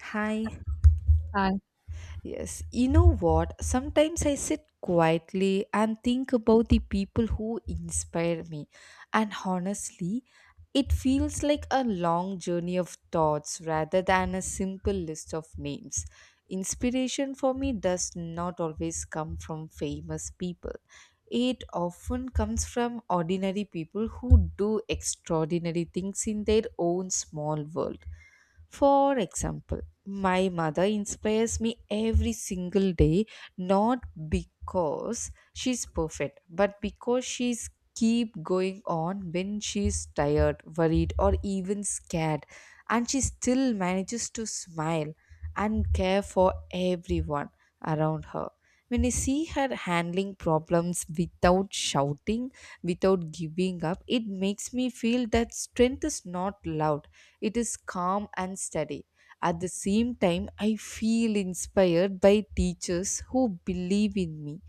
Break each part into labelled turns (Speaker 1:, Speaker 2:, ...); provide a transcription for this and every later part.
Speaker 1: Hi.
Speaker 2: Hi.
Speaker 1: Yes, you know what? Sometimes I sit quietly and think about the people who inspire me. And honestly, it feels like a long journey of thoughts rather than a simple list of names. Inspiration for me does not always come from famous people. It often comes from ordinary people who do extraordinary things in their own small world. For example, my mother inspires me every single day, not because she's perfect, but because she's keep going on when she's tired, worried or even scared, and she still manages to smile and care for everyone around her. When I see her handling problems without shouting, without giving up, it makes me feel that strength is not loud, it is calm and steady. At the same time, I feel inspired by teachers who believe in me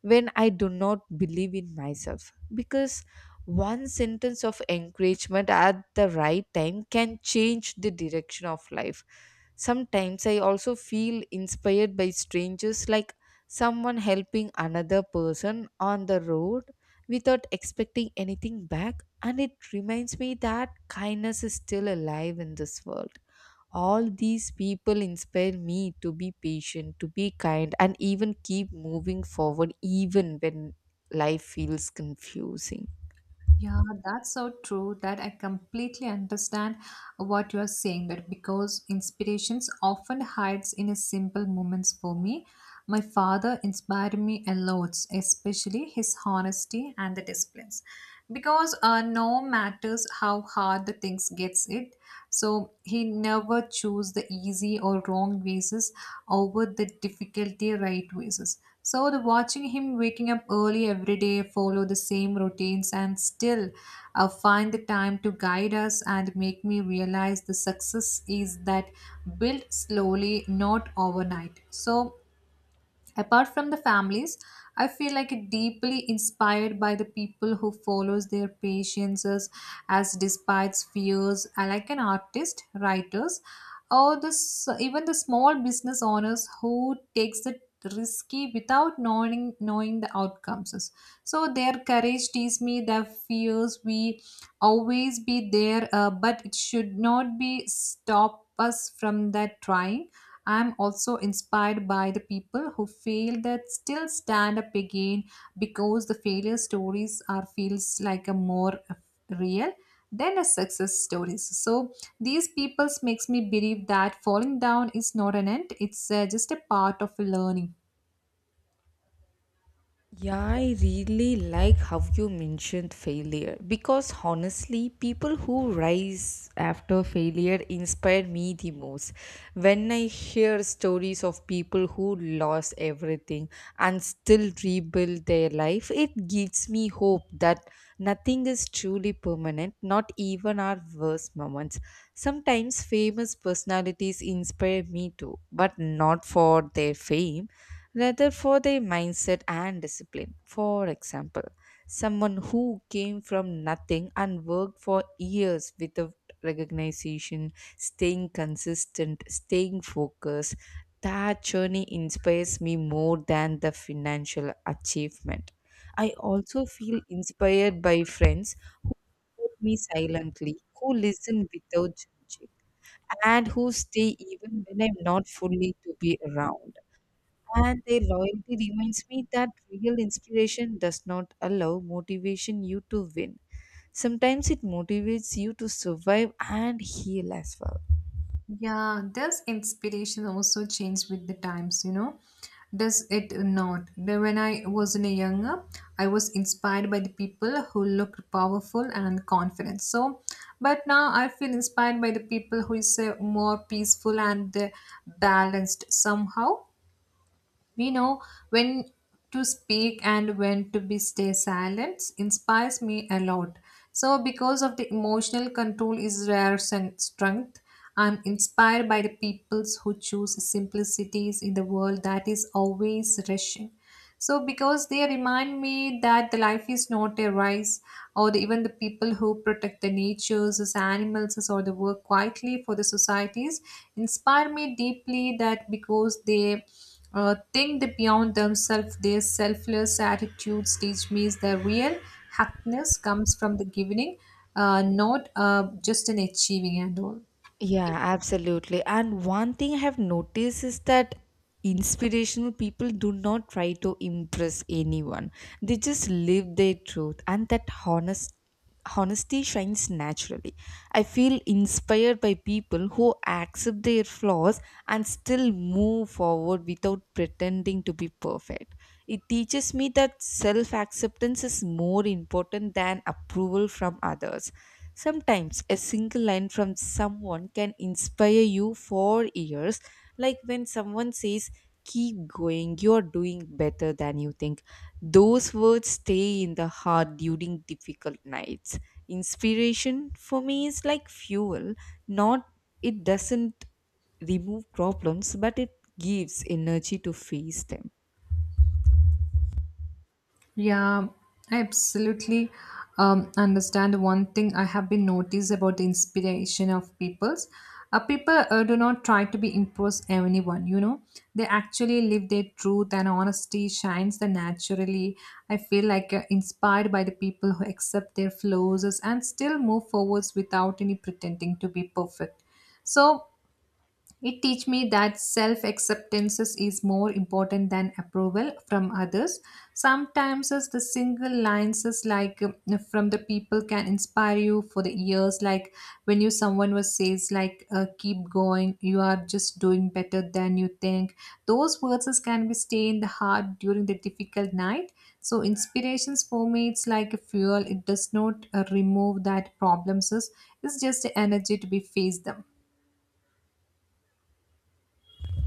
Speaker 1: when I do not believe in myself. Because one sentence of encouragement at the right time can change the direction of life. Sometimes I also feel inspired by strangers, like someone helping another person on the road without expecting anything back. And it reminds me that kindness is still alive in this world. All these people inspire me to be patient, to be kind, and even keep moving forward, even when life feels confusing.
Speaker 2: Yeah, that's so true that I completely understand what you are saying that because inspirations often hides in a simple moments for me. My father inspired me a lot, especially his honesty and the disciplines. Because no matters how hard the things gets it so he never chose the easy or wrong ways over the difficulty right ways so the watching him waking up early every day follow the same routines and still find the time to guide us and make me realize the success is that built slowly not overnight so apart from the families, I feel like it deeply inspired by the people who follows their passions as despite fears, I like an artist, writers, or this even the small business owners who takes the risky without knowing the outcomes. So their courage teaches me their fears we always be there, but it should not be stop us from that trying. I'm also inspired by the people who fail that still stand up again because the failure stories are feels like a more real than a success stories. So these peoples makes me believe that falling down is not an end; it's just a part of learning.
Speaker 1: Yeah, I really like how you mentioned failure because honestly, people who rise after failure inspire me the most. When I hear stories of people who lost everything and still rebuild their life, it gives me hope that nothing is truly permanent, not even our worst moments. Sometimes famous personalities inspire me too, but not for their fame, rather for their mindset and discipline. For example, someone who came from nothing and worked for years without recognition, staying consistent, staying focused, that journey inspires me more than the financial achievement. I also feel inspired by friends who support me silently, who listen without judging, and who stay even when I'm not fully to be around. And their loyalty reminds me that real inspiration does not allow motivation you to win. Sometimes it motivates you to survive and heal as well.
Speaker 2: Yeah, does inspiration also change with the times, you know? Does it not? When I was in a younger, I was inspired by the people who looked powerful and confident. So, but now I feel inspired by the people who is more peaceful and balanced somehow. We know when to speak and when to be stay silent inspires me a lot. So because of the emotional control is rare strength, I'm inspired by the peoples who choose simplicities in the world that is always rushing. So, because they remind me that the life is not a race, or the, even the people who protect the natures, as animals, or the work quietly for the societies, inspire me deeply. That because they think that beyond themselves, their selfless attitudes teach me is the real happiness comes from the giving, not just in achieving and all.
Speaker 1: Yeah, absolutely. And one thing I have noticed is that inspirational people do not try to impress anyone. They just live their truth and that honesty shines naturally. I feel inspired by people who accept their flaws and still move forward without pretending to be perfect. It teaches me that self-acceptance is more important than approval from others. Sometimes a single line from someone can inspire you for years, like when someone says, "Keep going, you're doing better than you think." Those words stay in the heart during difficult nights. Inspiration for me is like fuel, not, it doesn't remove problems, but it gives energy to face them.
Speaker 2: Yeah, I absolutely understand. One thing I have been noticed about the inspiration of peoples, people do not try to be impress anyone. You know, they actually live their truth and honesty shines the naturally. I feel like inspired by the people who accept their flaws and still move forwards without any pretending to be perfect. So it teach me that self acceptance is more important than approval from others. Sometimes as the single lines is like from the people can inspire you for the years. Like when you someone was says like keep going, you are just doing better than you think. Those words is can be stay in the heart during the difficult night. So inspirations for me it's like a fuel. It does not remove that problems. It's just the energy to be face them.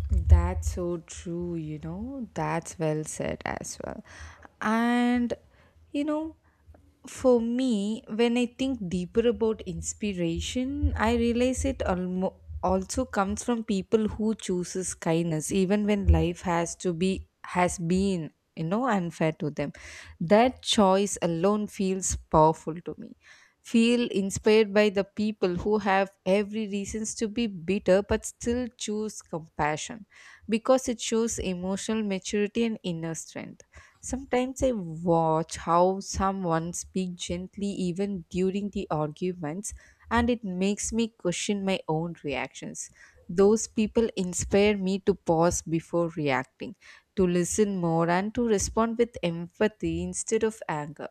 Speaker 1: That's so true, you know. That's well said as well. And, you know, for me, when I think deeper about inspiration, I realize it also comes from people who chooses kindness, even when life has to be has been, you know, unfair to them. That choice alone feels powerful to me, feel inspired by the people who have every reasons to be bitter but still choose compassion, because it shows emotional maturity and inner strength. Sometimes I watch how someone speaks gently even during the arguments, and it makes me question my own reactions. Those people inspire me to pause before reacting, to listen more, and to respond with empathy instead of anger.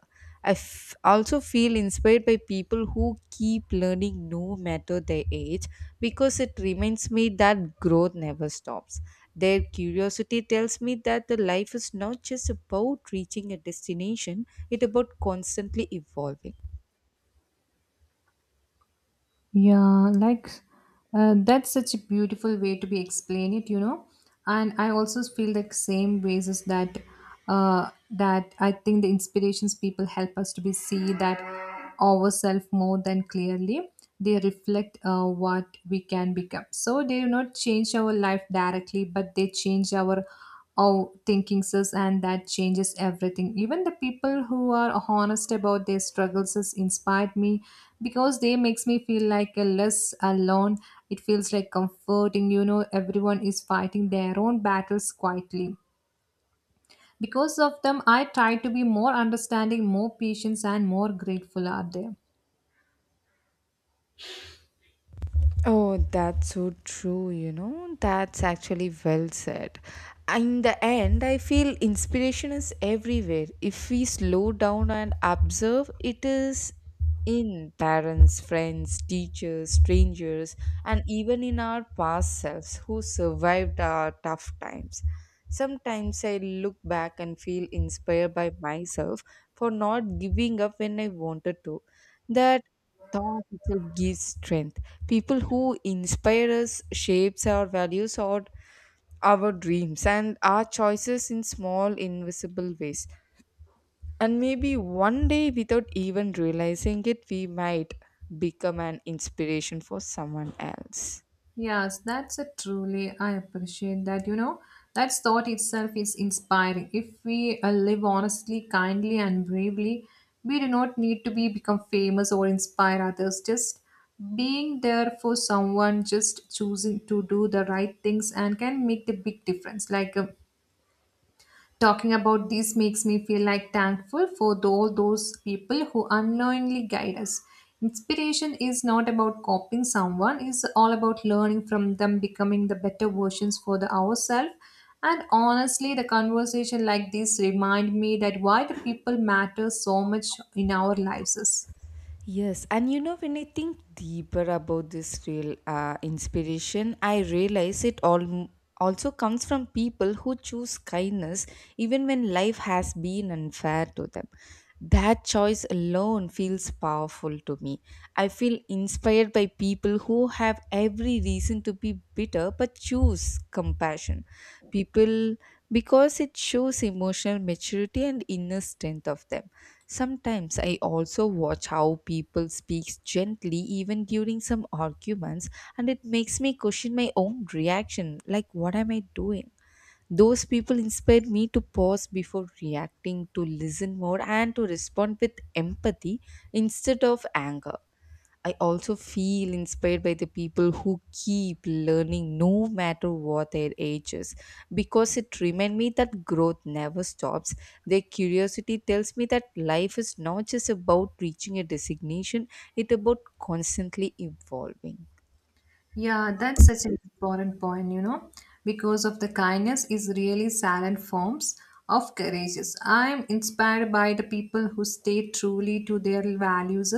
Speaker 1: Also feel inspired by people who keep learning no matter their age, because it reminds me that growth never stops. Their curiosity tells me that the life is not just about reaching a destination, it's about constantly evolving.
Speaker 2: Yeah, like that's such a beautiful way to be explain it, you know. And I also feel the same ways is that that I think the inspirations people help us to be see that ourselves more than clearly. They reflect what we can become. So they do not change our life directly, but they change our thinking,s sis, and that changes everything. Even the people who are honest about their struggles has inspired me because they makes me feel like a less alone. It feels like comforting, you know, everyone is fighting their own battles quietly. Because of them, I try to be more understanding, more patient, and more grateful out there.
Speaker 1: Oh, that's so true, you know. That's actually well said. In the end, I feel inspiration is everywhere. If we slow down and observe, it is in parents, friends, teachers, strangers, and even in our past selves who survived our tough times. Sometimes I look back and feel inspired by myself for not giving up when I wanted to. That thought itself gives strength. People who inspire us shapes our values or our dreams and our choices in small invisible ways, and maybe one day without even realizing it we might become an inspiration for someone else.
Speaker 2: Yes, that's a truly, I appreciate that. You know, that thought itself is inspiring. If we live honestly, kindly, and bravely, we do not need to be become famous or inspire others. Just being there for someone, just choosing to do the right things, and can make the big difference. Like, talking about these makes me feel like thankful for all those people who unknowingly guide us. Inspiration is not about copying someone, it's all about learning from them, becoming the better versions for the ourselves. And honestly, the conversation like this remind me that why the people matter so much in our lives.
Speaker 1: Yes, and you know, when I think deeper about this real inspiration, I realize it all also comes from people who choose kindness even when life has been unfair to them. That choice alone feels powerful to me. I feel inspired by people who have every reason to be bitter but choose compassion. People, because it shows emotional maturity and inner strength of them. Sometimes I also watch how people speak gently even during some arguments, and it makes me question my own reaction like, what am I doing? Those people inspired me to pause before reacting, to listen more, and to respond with empathy instead of anger. I also feel inspired by the people who keep learning no matter what their age is, because it reminds me that growth never stops. Their curiosity tells me that life is not just about reaching a designation, it's about constantly evolving.
Speaker 2: Yeah, that's such an important point, you know, because of the kindness is really silent forms of courageous. I'm inspired by the people who stay truly to their values,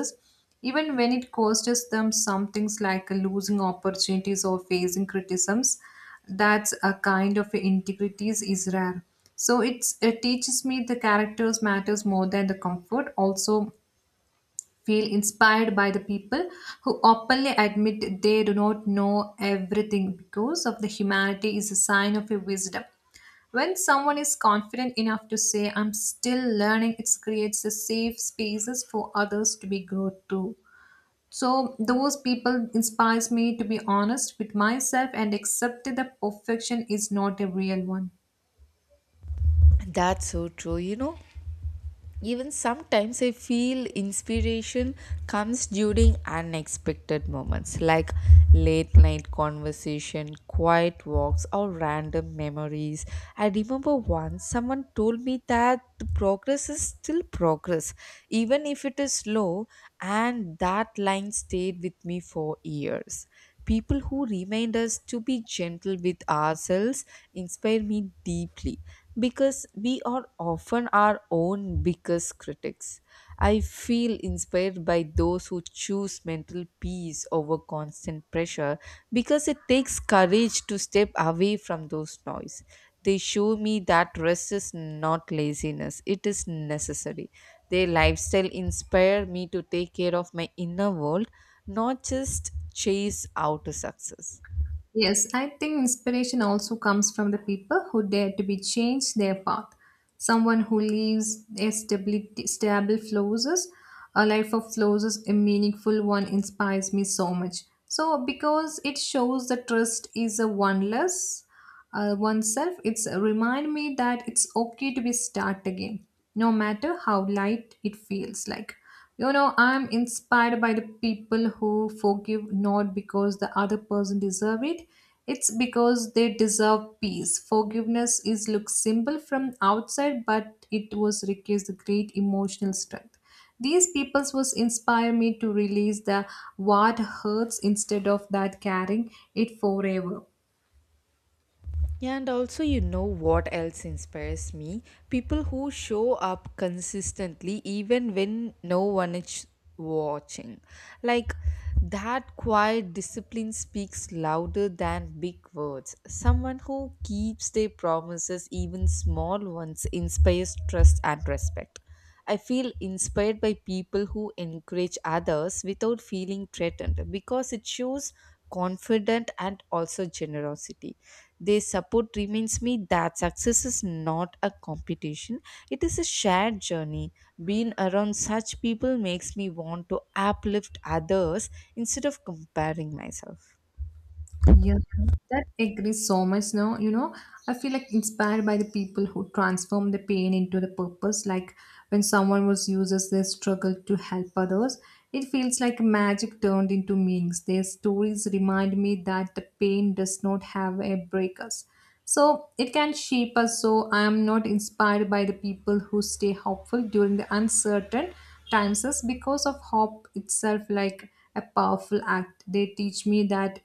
Speaker 2: even when it costs them some things like losing opportunities or facing criticisms. That's a kind of integrity is rare. So it's, it teaches me the characters matters more than the comfort. Also, feel inspired by the people who openly admit they do not know everything because of the humanity is a sign of a wisdom when someone is confident enough to say I'm still learning it creates a safe spaces for others to be grow too so those people inspires me to be honest with myself and accept that the perfection is not a real one.
Speaker 1: That's so true. You know, even sometimes I feel inspiration comes during unexpected moments, like late night conversation, quiet walks or random memories. I remember once someone told me that the progress is still progress, even if it is slow, and that line stayed with me for years. People who remind us to be gentle with ourselves inspire me deeply, because we are often our own biggest critics. I feel inspired by those who choose mental peace over constant pressure, because it takes courage to step away from those noise. They show me that rest is not laziness, it is necessary. Their lifestyle inspire me to take care of my inner world, not just chase outer success.
Speaker 2: Yes, I think inspiration also comes from the people who dare to be change their path. Someone who leaves a stability, stable flows, a life of flows, a meaningful one inspires me so much. So because it shows that trust is a oneless oneself, it's remind me that it's okay to be start again, no matter how light it feels like. You know, I'm inspired by the people who forgive not because the other person deserve it. It's because they deserve peace. Forgiveness is look simple from outside, but it was requires the great emotional strength. These peoples was inspire me to release the what hurts instead of that carrying it forever.
Speaker 1: And also, you know what else inspires me? People who show up consistently even when no one is watching. Like that quiet discipline speaks louder than big words. Someone who keeps their promises, even small ones, inspires trust and respect. I feel inspired by people who encourage others without feeling threatened, because it shows confidence and also generosity. Their support reminds me that success is not a competition, it is a shared journey. Being around such people makes me want to uplift others instead of comparing myself.
Speaker 2: Yeah, that agrees so much. No, you know, I feel like inspired by the people who transform the pain into the purpose. Like when someone was uses their struggle to help others, it feels like magic turned into meanings. Their stories remind me that the pain does not have a break us. So it can shape us. So I am not inspired by the people who stay hopeful during the uncertain times us because of hope itself like a powerful act. They teach me that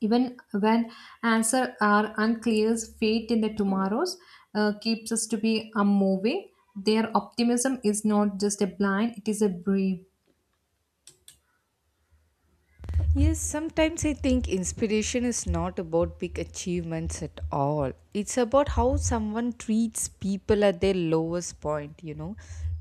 Speaker 2: even when answers are unclear, fate in the tomorrows keeps us to be unmoving. Their optimism is not just a blind, it is a brave.
Speaker 1: Yes, sometimes I think inspiration is not about big achievements at all. It's about how someone treats people at their lowest point, you know.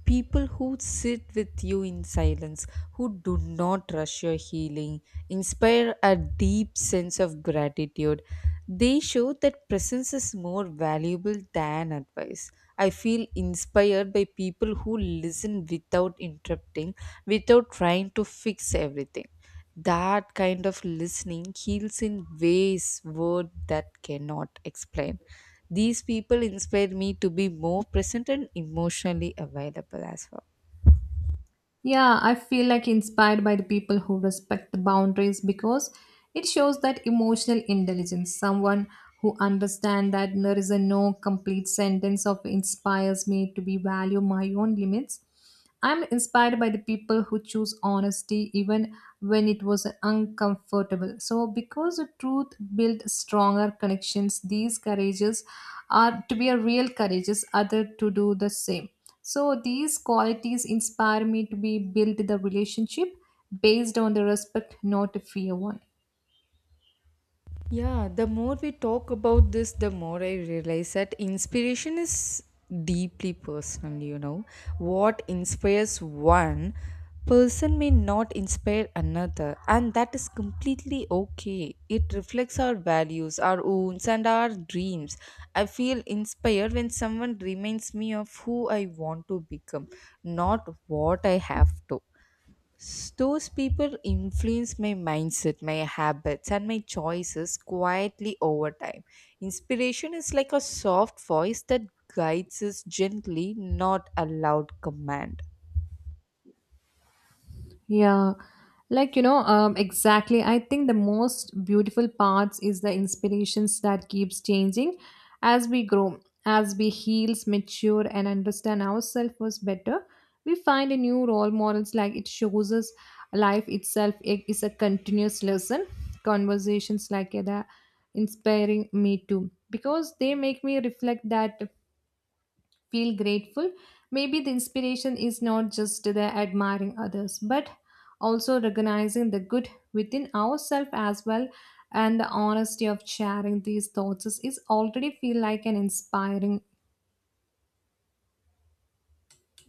Speaker 1: People who sit with you in silence, who do not rush your healing, inspire a deep sense of gratitude. They show that presence is more valuable than advice. I feel inspired by people who listen without interrupting, without trying to fix everything. That kind of listening heals in ways word that cannot explain. These people inspired me to be more present and emotionally available as well.
Speaker 2: Yeah, I feel like inspired by the people who respect the boundaries because it shows that emotional intelligence, someone who understands that there is a no complete sentence of inspires me to be value my own limits. I'm inspired by the people who choose honesty even when it was uncomfortable. So, because the truth builds stronger connections, these courageous are to be a real courageous, other to do the same. So, these qualities inspire me to be build the relationship based on the respect, not fear one.
Speaker 1: Yeah, the more we talk about this, the more I realize that inspiration is deeply personal, you know. What inspires one person may not inspire another, and that is completely okay. It reflects our values, our wounds, and our dreams. I feel inspired when someone reminds me of who I want to become, not what I have to. Those people influence my mindset, my habits, and my choices quietly over time. Inspiration is like a soft voice that guides us gently, not a loud command.
Speaker 2: Yeah, like you know, exactly. I think the most beautiful parts is the inspirations that keeps changing as we grow, as we heals, mature, and understand ourselves was better. We find a new role models like it shows us life itself is a continuous lesson. Conversations like that inspiring me too because they make me reflect that feel grateful. Maybe the inspiration is not just the admiring others, but also recognizing the good within ourselves as well. And the honesty of sharing these thoughts is already feel like an inspiring.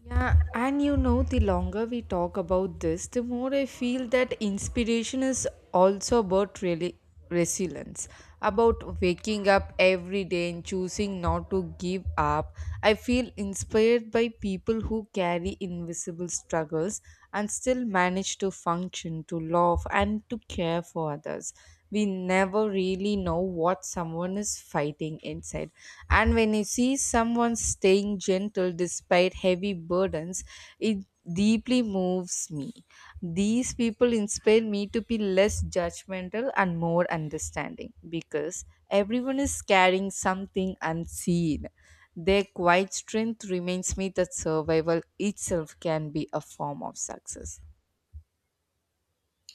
Speaker 1: Yeah, and you know, the longer we talk about this, the more I feel that inspiration is also about really resilience, about waking up every day and choosing not to give up. I feel inspired by people who carry invisible struggles and still manage to function, to love, and to care for others. We never really know what someone is fighting inside, and when you see someone staying gentle despite heavy burdens, it deeply moves me. These people inspire me to be less judgmental and more understanding, because everyone is carrying something unseen. Their quiet strength reminds me that survival itself can be a form of success.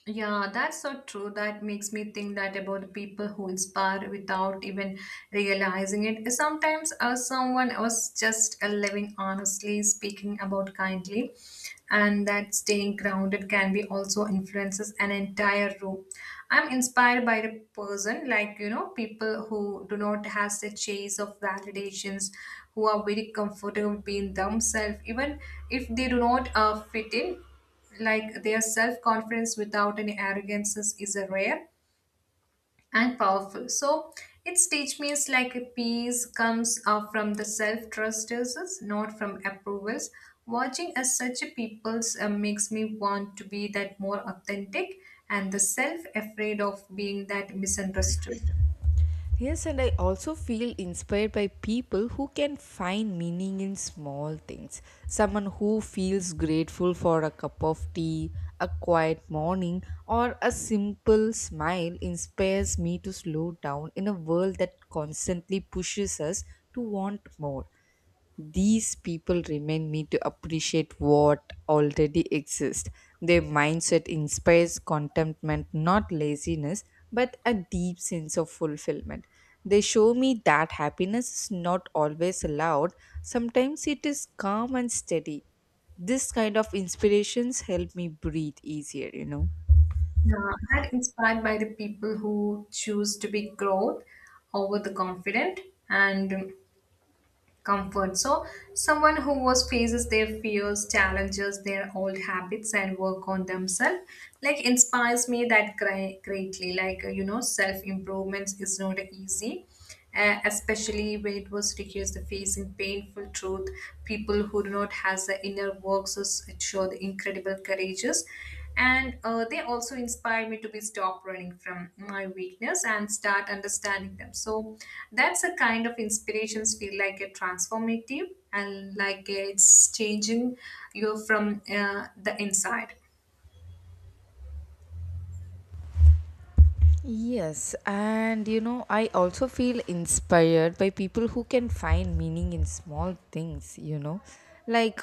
Speaker 2: Yeah, that's so true. That makes me think that about the people who inspire without even realizing it. Sometimes someone was just living honestly, speaking about kindly, and that staying grounded can be also influences an entire room. I'm inspired by the person, like you know, people who do not have the chase of validations, who are very comfortable being themselves, even if they do not fit in like their self-confidence without any arrogances is a rare and powerful so its teach means like a peace comes from the self-trust uses not from approvals watching as such a people's makes me want to be that more authentic and the self-afraid of being that misunderstood.
Speaker 1: Yes, and I also feel inspired by people who can find meaning in small things. Someone who feels grateful for a cup of tea, a quiet morning, or a simple smile inspires me to slow down in a world that constantly pushes us to want more. These people remind me to appreciate what already exists. Their mindset inspires contentment, not laziness, but a deep sense of fulfillment. They show me that happiness is not always loud, sometimes it is calm and steady. This kind of inspirations help me breathe easier, you know.
Speaker 2: Yeah, that inspired by the people who choose to be growth over the confident and comfort. So, someone who was faces their fears, challenges their old habits, and work on themselves, like inspires me that greatly. Like you know, self improvements is not easy. Especially when it was requires the facing painful truth people who do not has the inner works to show the incredible courageous and they also inspire me to be stop running from my weakness and start understanding them. So that's a kind of inspirations feel like a transformative and like it's changing you from the inside.
Speaker 1: Yes, and you know, I also feel inspired by people who can find meaning in small things, you know. Like,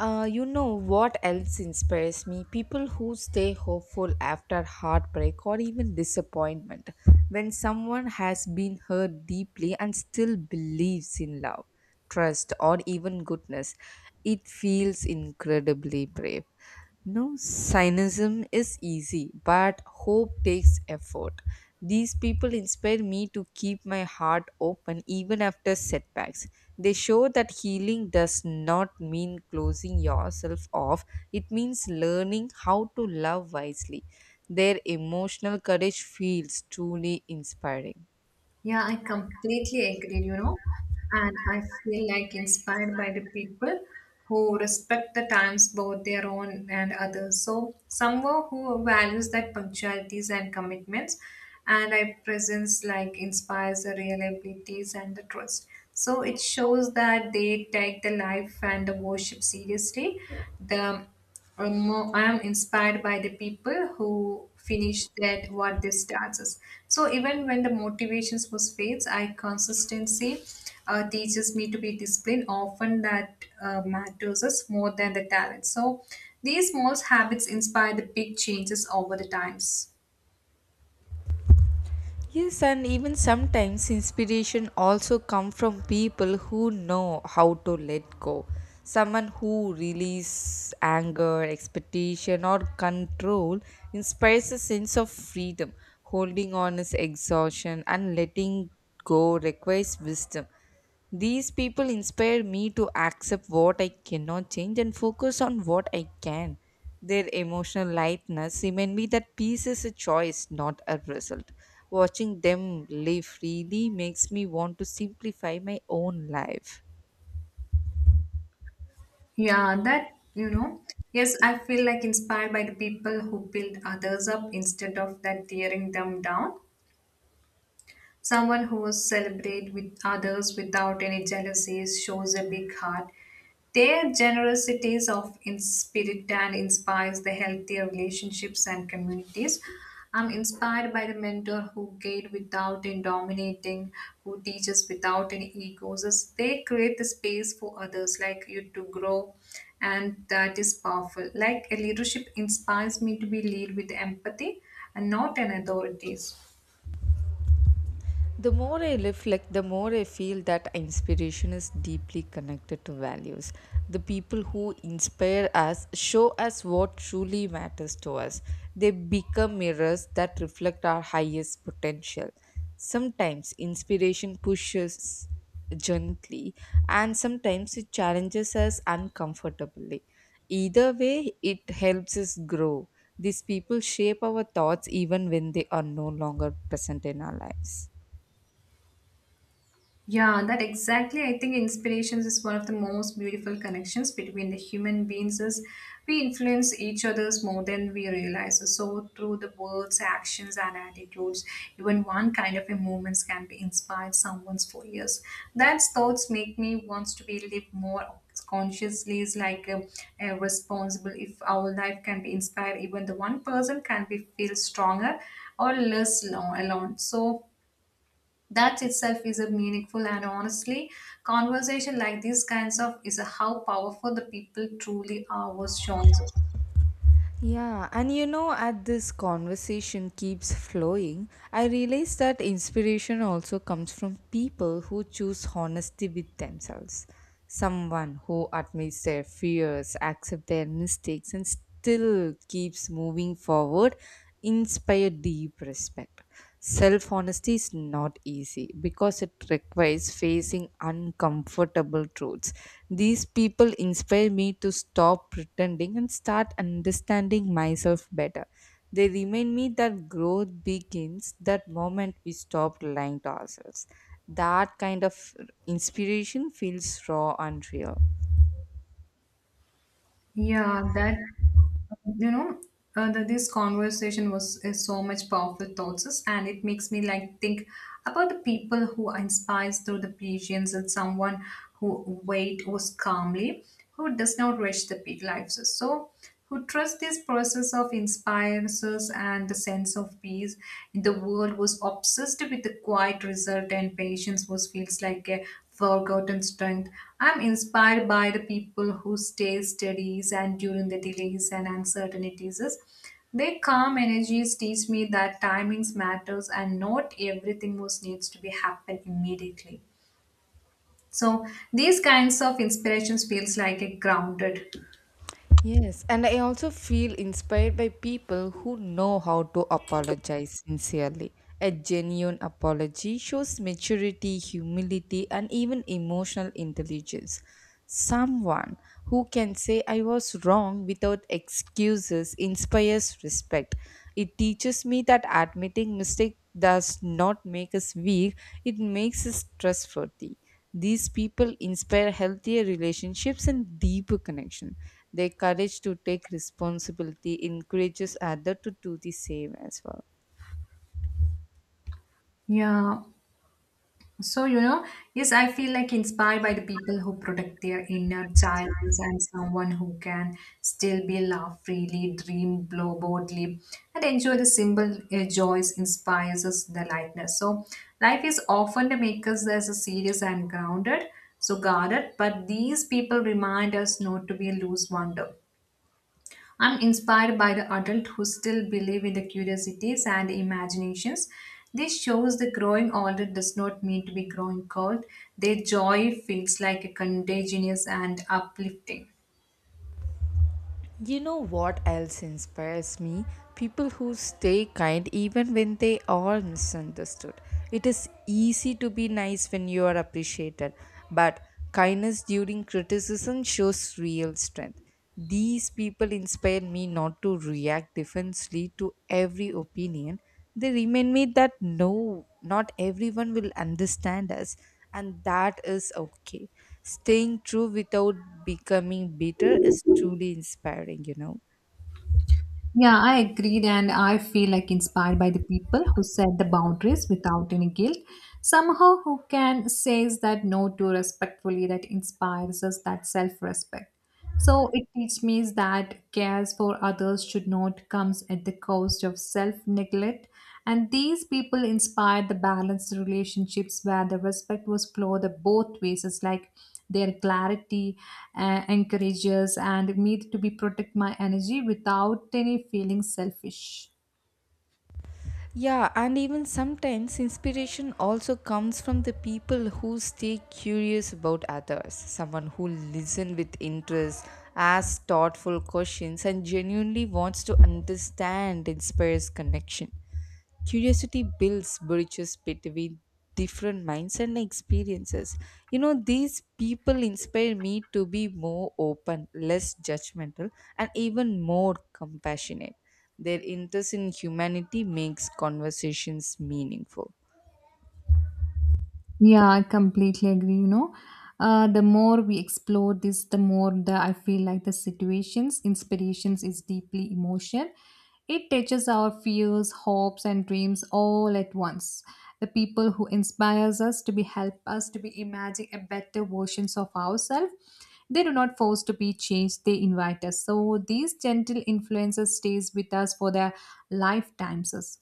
Speaker 1: you know what else inspires me? People who stay hopeful after heartbreak or even disappointment. When someone has been hurt deeply and still believes in love, trust, or even goodness, it feels incredibly brave. No, cynicism is easy, but hope takes effort. These people inspire me to keep my heart open even after setbacks. They show that healing does not mean closing yourself off, it means learning how to love wisely. Their emotional courage feels truly inspiring.
Speaker 2: Yeah, I completely agree, you know, and I feel like inspired by the people who respect the times, both their own and others. So, someone who values that punctualities and commitments, and I presence like inspires the reliabilities and the trust. So, it shows that they take the life and the worship seriously. The or more, I am inspired by the people who finish that what they starts. So even when the motivations was fades, I consistency teaches me to be disciplined. Often that matters us more than the talent. So these small habits inspire the big changes over the times.
Speaker 1: Yes, and even sometimes inspiration also come from people who know how to let go. Someone who release anger, expectation, or control inspires a sense of freedom. Holding on is exhaustion, and letting go requires wisdom. These people inspire me to accept what I cannot change and focus on what I can. Their emotional lightness remind me that peace is a choice, not a result. Watching them live freely makes me want to simplify my own life.
Speaker 2: Yeah, that you know. Yes, I feel like inspired by the people who build others up instead of that tearing them down. Someone who celebrates with others without any jealousies shows a big heart. Their generosity is of in spirit and inspires the healthier relationships and communities. I'm inspired by the mentor who guides without in dominating, who teaches without any egos. As they create the space for others like you to grow, and that is powerful. Like a leadership inspires me to be lead with empathy and not an authorities.
Speaker 1: The more I reflect, the more I feel that inspiration is deeply connected to values. The people who inspire us show us what truly matters to us. They become mirrors that reflect our highest potential. Sometimes inspiration pushes gently, and sometimes it challenges us uncomfortably. Either way, it helps us grow. These people shape our thoughts even when they are no longer present in our lives.
Speaker 2: Yeah, that exactly. I think inspirations is one of the most beautiful connections between the human beings is we influence each others more than we realize. So through the words, actions and attitudes, even one kind of a movements can be inspired someone's for years. That's thoughts make me wants to be live more consciously is like a responsible if our life can be inspired even the one person can be feel stronger or less alone so that itself is a meaningful and honestly, conversation like these kinds of is a how powerful the people truly are was shown.
Speaker 1: Yeah, and you know, as this conversation keeps flowing, I realize that inspiration also comes from people who choose honesty with themselves. Someone who admits their fears, accepts their mistakes, and still keeps moving forward inspire deep respect. Self honesty is not easy because it requires facing uncomfortable truths. These people inspire me to stop pretending and start understanding myself better. They remind me that growth begins that moment we stop lying to ourselves. That kind of inspiration feels raw and real.
Speaker 2: Yeah, that you know that this conversation was is so much powerful thoughts us, and it makes me like think about the people who inspires through the patience and someone who wait was calmly who does not rush the big lives so who trust this process of inspires us and the sense of peace in the world was obsessed with the quiet result and patience was feels like a forgotten strength. I'm inspired by the people who stay steady and during the delays and uncertainties. Their calm energies teach me that timings matters and not everything was needs to be happen immediately. So these kinds of inspirations feels like a grounded.
Speaker 1: Yes, and I also feel inspired by people who know how to apologize sincerely. A genuine apology shows maturity, humility, and even emotional intelligence. Someone who can say, I was wrong without excuses inspires respect. It teaches me that admitting mistake does not make us weak, it makes us trustworthy. These people inspire healthier relationships and deeper connection. Their courage to take responsibility encourages others to do the same as well.
Speaker 2: Yeah, so, you know, yes, I feel like inspired by the people who protect their inner child and someone who can still be laugh freely, dream blow boldly, and enjoy the simple joys inspires us the lightness. So, life is often to make us as a serious and grounded, so guarded, but these people remind us not to be a loose wonder. I'm inspired by the adults who still believe in the curiosities and imaginations. This shows the growing older does not mean to be growing cold. Their joy feels like a contagious and uplifting.
Speaker 1: You know what else inspires me? People who stay kind even when they are misunderstood. It is easy to be nice when you are appreciated, but kindness during criticism shows real strength. These people inspire me not to react defensively to every opinion. They remind me that no, not everyone will understand us, and that is okay. Staying true without becoming bitter is truly inspiring, you know.
Speaker 2: Yeah, I agreed, and I feel like inspired by the people who set the boundaries without any guilt. Somehow, who can says that no too respectfully that inspires us that self-respect. So it teaches me that cares for others should not comes at the cost of self-neglect. And these people inspired the balanced relationships where the respect was flowed the both ways. It's like their clarity encourages and me to be protect my energy without any feeling selfish.
Speaker 1: Yeah, and even sometimes inspiration also comes from the people who stay curious about others. Someone who listens with interest, asks thoughtful questions, and genuinely wants to understand inspires connection. Curiosity builds bridges between different minds and experiences. You know, these people inspire me to be more open, less judgmental, and even more compassionate. Their interest in humanity makes conversations meaningful.
Speaker 2: Yeah, I completely agree. You know, the more we explore this, the more the I feel like the situations, inspirations is deeply emotional. It touches our fears, hopes, and dreams all at once. The people who inspires us to be help us to be imagine a better versions of ourselves. They do not force to be changed; they invite us. So these gentle influences stays with us for their lifetimes.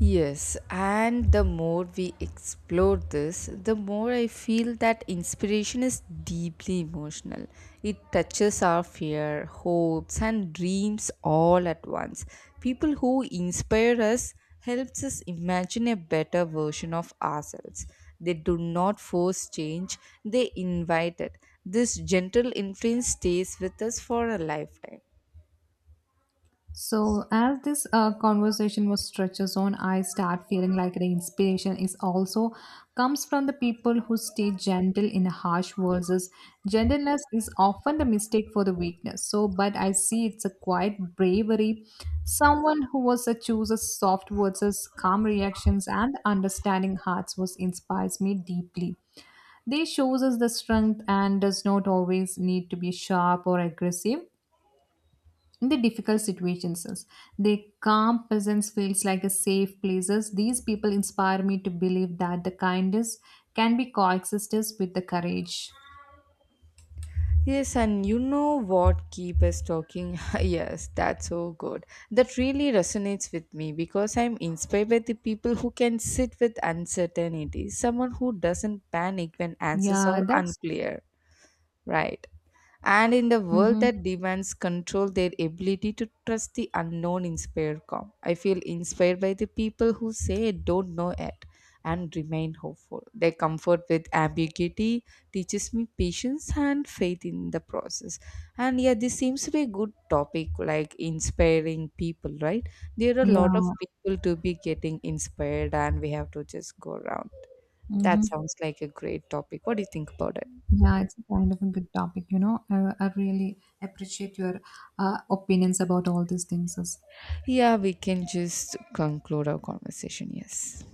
Speaker 1: Yes, and the more we explore this, the more I feel that inspiration is deeply emotional. It touches our fear, hopes, and dreams all at once. People who inspire us helps us imagine a better version of ourselves. They do not force change, they invite it. This gentle influence stays with us for a lifetime.
Speaker 2: So, as this conversation was stretches on, I start feeling like the inspiration is also comes from the people who stay gentle in harsh verses. Gentleness is often the mistake for the weakness. So, but I see it's a quiet bravery. Someone who was a chooses soft words as calm reactions, and understanding hearts was inspires me deeply. They shows us the strength and does not always need to be sharp or aggressive in the difficult situations the calm presence feels like a safe places these people inspire me to believe that the kindness can be coexistence with the courage.
Speaker 1: Yes, and you know what keep us talking? Yes, that's so good. That really resonates with me because I'm inspired by the people who can sit with uncertainty, someone who doesn't panic when answers
Speaker 2: Yeah,
Speaker 1: are
Speaker 2: that's.
Speaker 1: unclear, right? And in the world
Speaker 2: Mm-hmm.
Speaker 1: that demands control, their ability to trust the unknown inspire calm. I feel inspired by the people who say don't know it and remain hopeful. Their comfort with ambiguity teaches me patience and faith in the process. And yeah, this seems to be a good topic, like inspiring people, right? There are a lot of
Speaker 2: Yeah.
Speaker 1: people to be getting inspired and we have to just go around.
Speaker 2: Mm-hmm.
Speaker 1: That sounds like a great topic. What do you think about it?
Speaker 2: Yeah, it's a kind of a good topic, you know, I really appreciate your opinions about all these things.
Speaker 1: Yeah, we can just conclude our conversation. Yes.